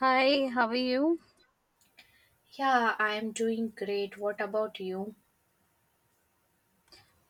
Hi, how are you? Yeah, I'm doing great. What about you?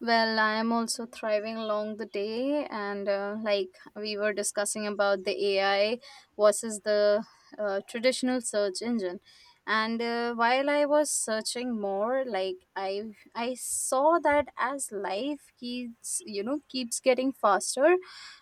Well, I am also thriving along the day, and like we were discussing about the AI versus the traditional search engine, and while I was searching more, like I saw that as life keeps keeps getting faster,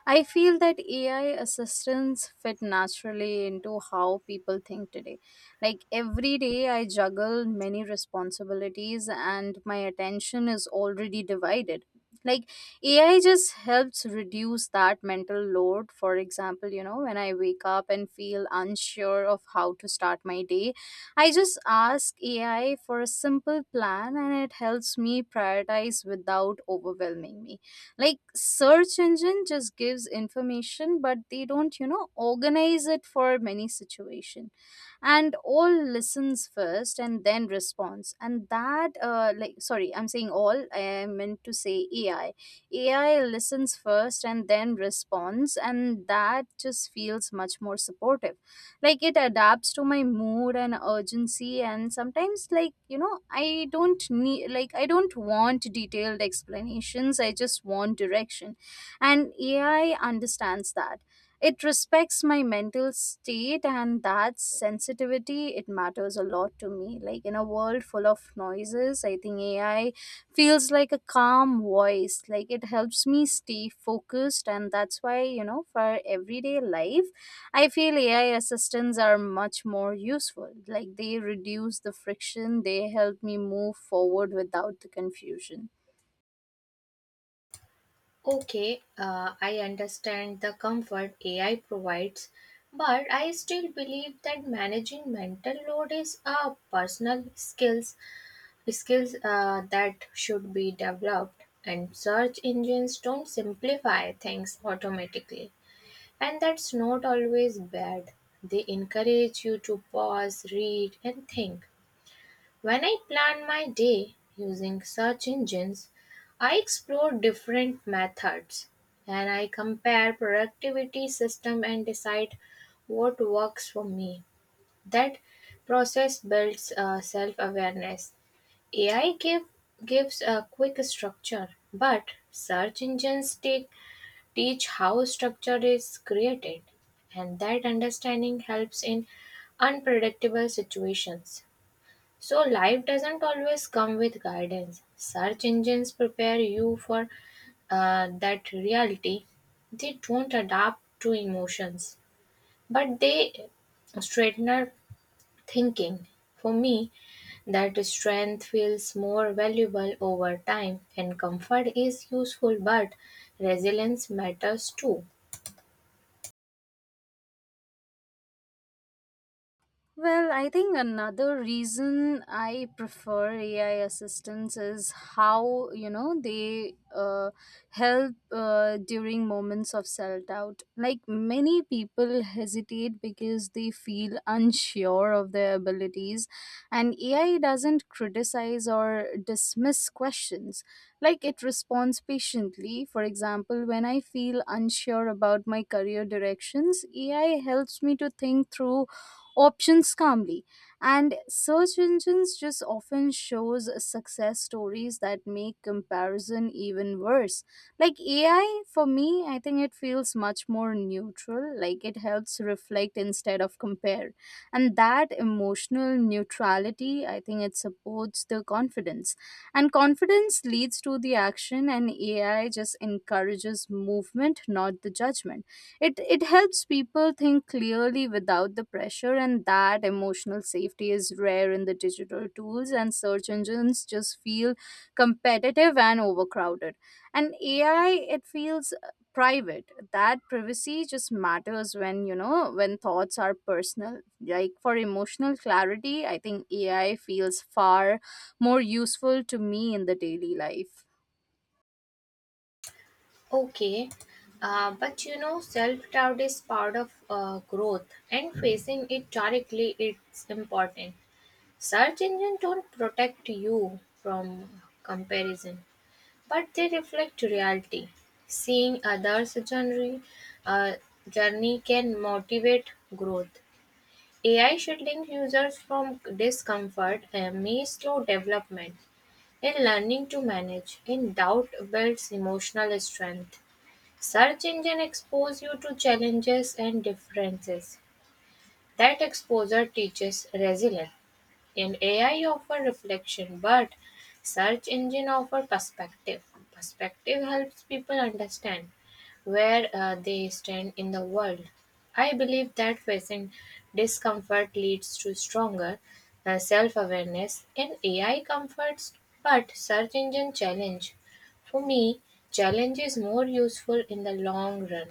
I feel that AI assistants fit naturally into how people think today. Like every day, I juggle many responsibilities and my attention is already divided. Like AI just helps reduce that mental load. For example, when I wake up and feel unsure of how to start my day, I just ask AI for a simple plan and it helps me prioritize without overwhelming me. Like search engine just gives information but they don't, organize it for many situations and all listens first and then responds and that like sorry I'm saying all I meant to say AI listens first and then responds and that just feels much more supportive. Like it adapts to my mood and urgency, and sometimes I don't want detailed explanations, I just want direction, and AI understands that. It respects my mental state and that sensitivity, it matters a lot to me. Like in a world full of noises, I think AI feels like a calm voice. Like it helps me stay focused, and that's why, for everyday life, I feel AI assistants are much more useful. Like they reduce the friction, they help me move forward without the confusion. Okay, I understand the comfort AI provides, but I still believe that managing mental load is a personal skills skills that should be developed. And search engines don't simplify things automatically, and that's not always bad. They encourage you to pause, read, and think. When I plan my day using search engines, I explore different methods and I compare productivity system and decide what works for me. That process builds self-awareness. AI gives a quick structure, but search engines teach how structure is created, and that understanding helps in unpredictable situations. So, life doesn't always come with guidance. Search engines prepare you for that reality. They don't adapt to emotions, but they straighten our thinking. For me, that strength feels more valuable over time, and comfort is useful, but resilience matters too. Well, I think another reason I prefer AI assistants is how, they help during moments of self doubt. Like many people hesitate because they feel unsure of their abilities, and AI doesn't criticize or dismiss questions. Like it responds patiently. For example, when I feel unsure about my career directions, AI helps me to think through options calmly, and search engines just often shows success stories that make comparison even worse. Like AI, for me, I think it feels much more neutral. Like it helps reflect instead of compare, and that emotional neutrality, I think it supports the confidence, and confidence leads to the action, and AI just encourages movement, not the judgment. It helps people think clearly without the pressure, and that emotional safety is rare in the digital tools, and search engines just feel competitive and overcrowded. And AI, it feels private. That privacy just matters when, when thoughts are personal. Like for emotional clarity, I think AI feels far more useful to me in the daily life. Okay, but self doubt is part of growth, and facing it directly it's important. Search engines don't protect you from comparison, but they reflect reality. Seeing others' uh, journey can motivate growth. AI should link users from discomfort and may slow development in learning to manage. In doubt builds emotional strength. Search engine expose you to challenges and differences. That exposure teaches resilience. And AI offer reflection, but search engine offer perspective. Perspective helps people understand where they stand in the world. I believe that facing discomfort leads to stronger self awareness and AI comforts, but search engine challenge. For me, challenge is more useful in the long run.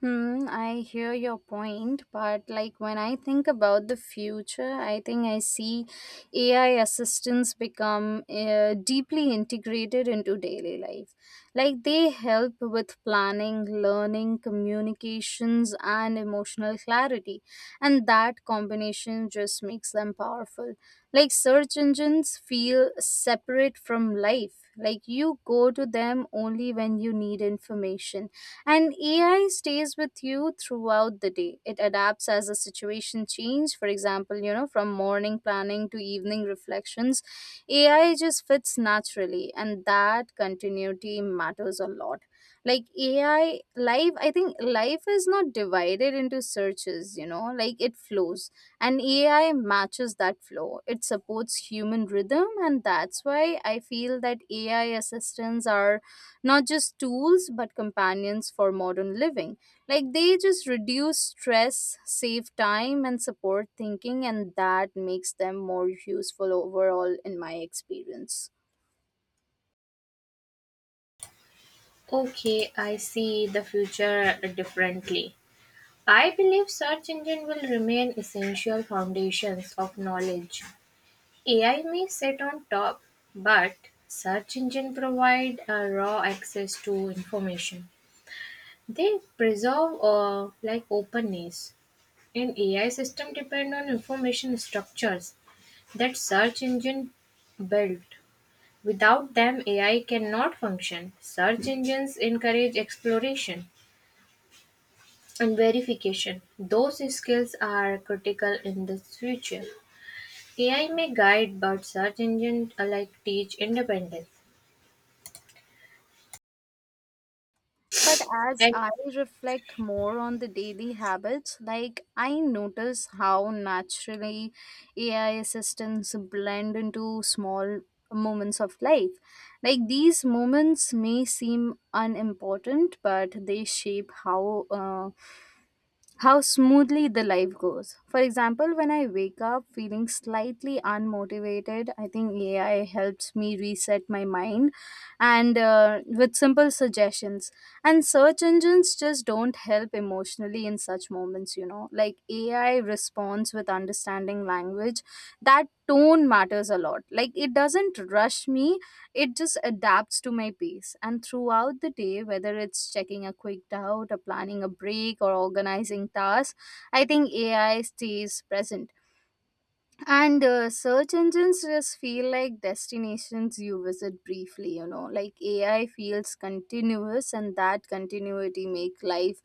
Hmm, I hear your point, but like when I think about the future, I think I see AI assistants become deeply integrated into daily life. Like they help with planning, learning, communications, and emotional clarity. And that combination just makes them powerful. Like search engines feel separate from life. Like you go to them only when you need information, and AI stays with you throughout the day. It adapts as the situation changes. For example, from morning planning to evening reflections, AI just fits naturally, and that continuity matters a lot. Like AI life, I think life is not divided into searches, like it flows. And AI matches that flow. It supports human rhythm, and that's why I feel that AI assistants are not just tools but companions for modern living. Like they just reduce stress, save time, and support thinking, and that makes them more useful overall in my experience. Okay, I see the future differently. I believe search engines will remain essential foundations of knowledge. AI may sit on top, but search engines provide a raw access to information. They preserve like openness, and AI system depend on information structures that search engine built. Without them, AI cannot function. Search engines encourage exploration and verification. Those skills are critical in the future. AI may guide, but search engines alike teach independence. But as And I reflect more on the daily habits, like I notice how naturally AI assistants blend into small moments of life. Like these moments may seem unimportant, but they shape how smoothly the life goes. For example, when I wake up feeling slightly unmotivated, I think AI helps me reset my mind, and with simple suggestions. And search engines just don't help emotionally in such moments, Like AI responds with understanding language. That tone matters a lot. Like it doesn't rush me, it just adapts to my pace. And throughout the day, whether it's checking a quick doubt, or planning a break, or organizing tasks, I think AI stays present. And search engines just feel like destinations you visit briefly, like AI feels continuous, and that continuity make life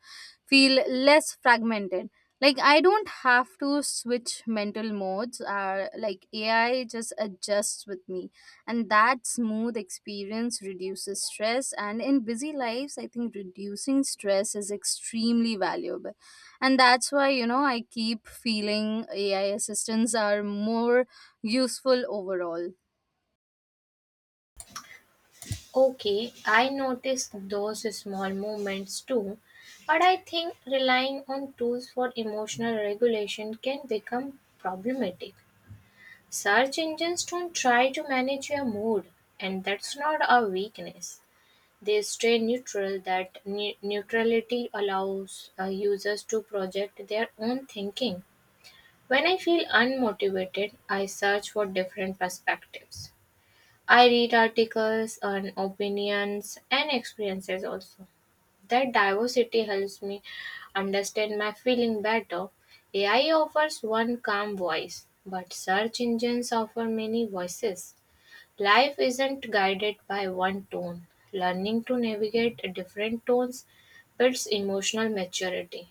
feel less fragmented. Like I don't have to switch mental modes, like AI just adjusts with me. And that smooth experience reduces stress. And in busy lives, I think reducing stress is extremely valuable, and that's why, I keep feeling AI assistants are more useful overall. Okay, I noticed those small movements too, but I think relying on tools for emotional regulation can become problematic. Search engines don't try to manage your mood, and that's not a weakness. They stay neutral; that neutrality allows users to project their own thinking. When I feel unmotivated, I search for different perspectives. I read articles on opinions and experiences also. That diversity helps me understand my feeling better. AI offers one calm voice, but search engines offer many voices. Life isn't guided by one tone. Learning to navigate different tones builds emotional maturity.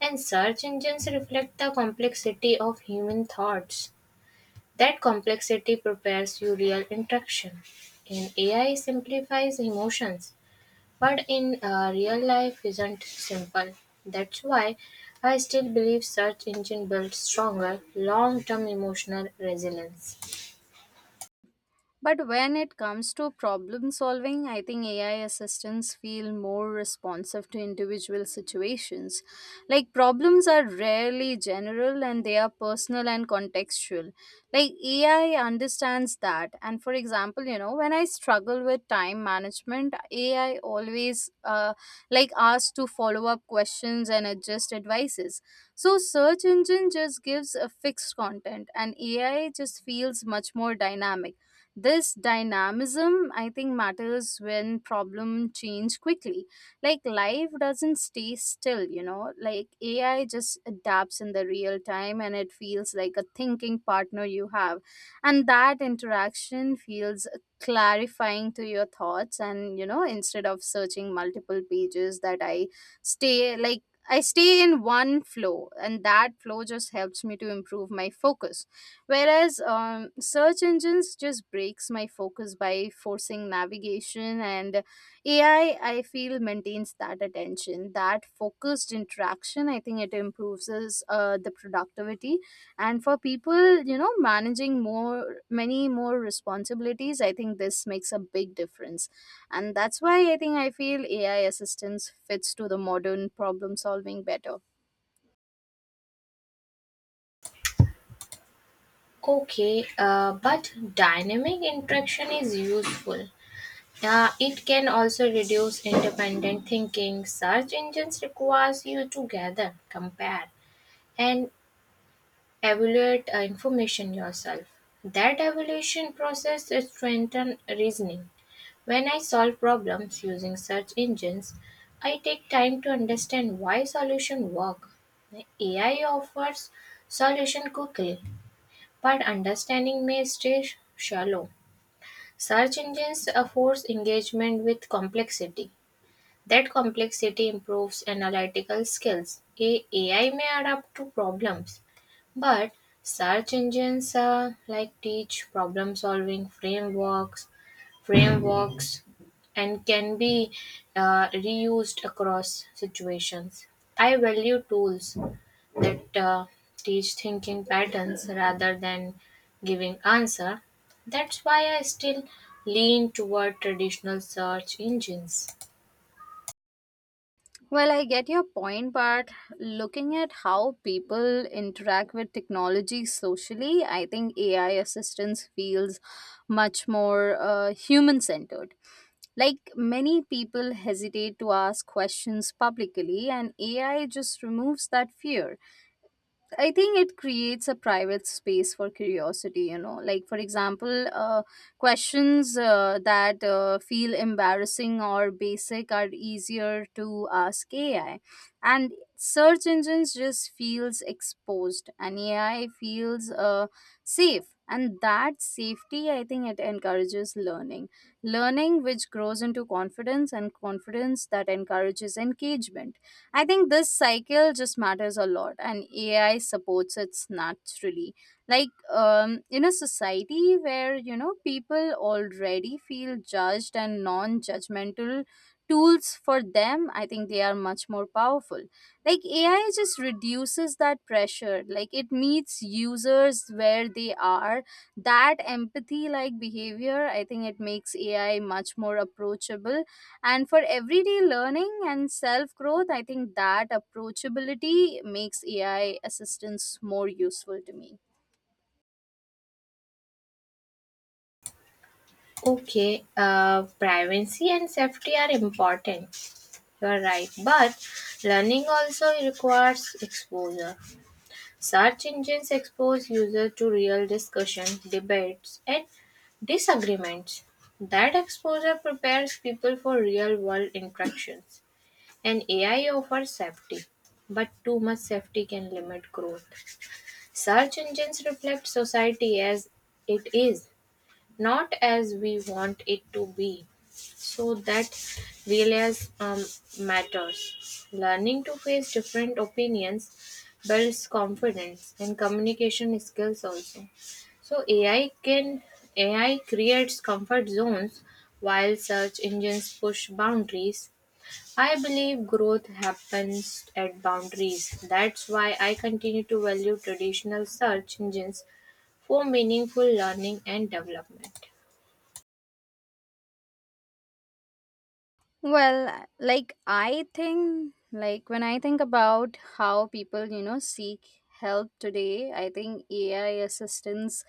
And search engines reflect the complexity of human thoughts. That complexity prepares you real interaction. And AI simplifies emotions, but in real life isn't simple. That's why I still believe search engine builds stronger long-term emotional resilience. But when it comes to problem solving, I think AI assistants feel more responsive to individual situations. Like problems are rarely general, and they are personal and contextual. Like AI understands that. And for example, when I struggle with time management, AI always like asks to follow up questions and adjust advices. So search engine just gives a fixed content, and AI just feels much more dynamic. This dynamism, I think, matters when problem change quickly. Like life doesn't stay still, Like AI just adapts in the real time, and it feels like a thinking partner you have, and that interaction feels clarifying to your thoughts. And instead of searching multiple pages, that I stay like I stay in one flow, and that flow just helps me to improve my focus. Whereas search engines just breaks my focus by forcing navigation, and AI, I feel, maintains that attention. That focused interaction, I think it improves us, the productivity. And for people, managing many more responsibilities, I think this makes a big difference. And that's why I think I feel AI assistance fits to the modern problem solving better. Okay, but dynamic interaction is useful. It can also reduce independent thinking. Search engines requires you to gather, compare, and evaluate information yourself. That evaluation process strengthens reasoning. When I solve problems using search engines, I take time to understand why solution work. AI offers solution quickly but understanding may stay shallow. Search engines afford engagement with complexity. That complexity improves analytical skills. AI may adapt to problems, but search engines like teach problem solving frameworks, frameworks, and can be reused across situations. I value tools that teach thinking patterns rather than giving answer. That's why I still lean toward traditional search engines. Well, I get your point, but looking at how people interact with technology socially, I think AI assistance feels much more human centered. Like many people hesitate to ask questions publicly, and AI just removes that fear. I think it creates a private space for curiosity, Like, for example, questions that feel embarrassing or basic are easier to ask AI. And search engines just feels exposed, and AI feels safe. And that safety, I think it encourages learning. Learning which grows into confidence, and confidence that encourages engagement. I think this cycle just matters a lot, and AI supports it naturally. Like in a society where, people already feel judged, and non-judgmental tools for them, I think they are much more powerful. Like AI just reduces that pressure. Like it meets users where they are. That empathy-like behavior, I think, it makes AI much more approachable, and for everyday learning and self growth, I think that approachability makes AI assistance more useful to me. Okay, privacy and safety are important, you're right, but learning also requires exposure. Search engines expose users to real discussion debates and disagreements. That exposure prepares people for real world interactions. An AI offers safety, but too much safety can limit growth. Search engines reflect society as it is, not as we want it to be. So that realize matters. Learning to face different opinions builds confidence and communication skills also. So, AI creates comfort zones while search engines push boundaries. I believe growth happens at boundaries. That's why I continue to value traditional search engines for meaningful learning and development. Well, like I think, like when I think about how people, seek help today, I think AI assistants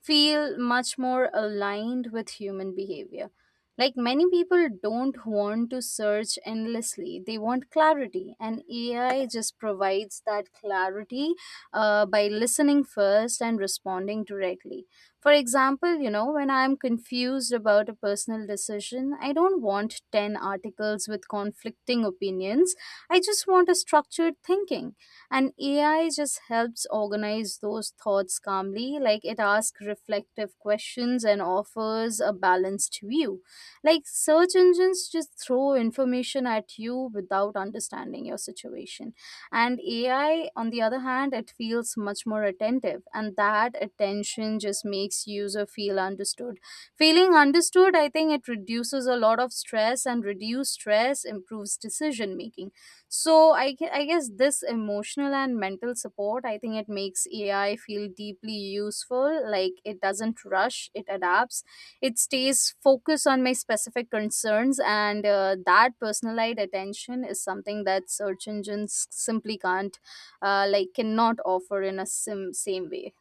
feel much more aligned with human behavior. Like many people don't want to search endlessly, they want clarity, and AI just provides that clarity by listening first and responding directly. For example, when I'm confused about a personal decision, I don't want 10 articles with conflicting opinions. I just want a structured thinking. And AI just helps organize those thoughts calmly, like it asks reflective questions and offers a balanced view. Like search engines just throw information at you without understanding your situation. And AI, on the other hand, it feels much more attentive, and that attention just makes user feel understood. Feeling understood, I think it reduces a lot of stress, and reduced stress improves decision making. So I guess this emotional and mental support, I think it makes AI feel deeply useful. Like it doesn't rush, it adapts, it stays focused on my specific concerns, and that personalized attention is something that search engines simply can't, like, cannot offer in a same way.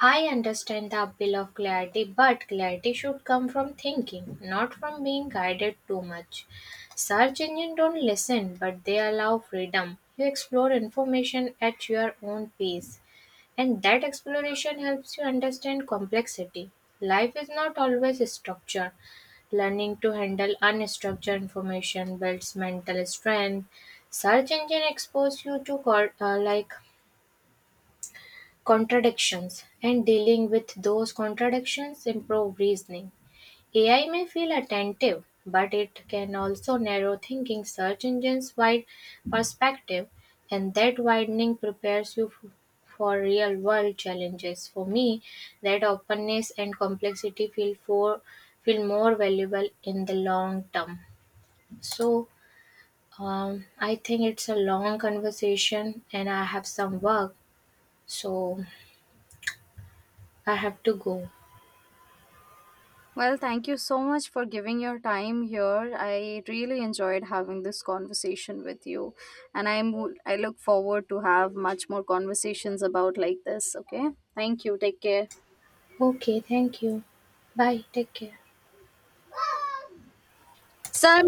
I understand the appeal of clarity, but clarity should come from thinking, not from being guided too much. Search engines don't listen, but they allow freedom. You explore information at your own pace, and that exploration helps you understand complexity. Life is not always structured. Learning to handle unstructured information builds mental strength. Search engine expose you to like contradictions and dealing with those contradictions improve reasoning. AI may feel attentive, but it can also narrow thinking. Search engines wide perspective, and that widening prepares you for real world challenges. For me, that openness and complexity feel more valuable in the long term. So I think it's a long conversation, and I have some work, so I have to go. Well, thank you so much for giving your time here. I really enjoyed having this conversation with you, and I look forward to have much more conversations about like this. Okay, thank you. Take care. Okay, thank you. Bye, take care. Sir,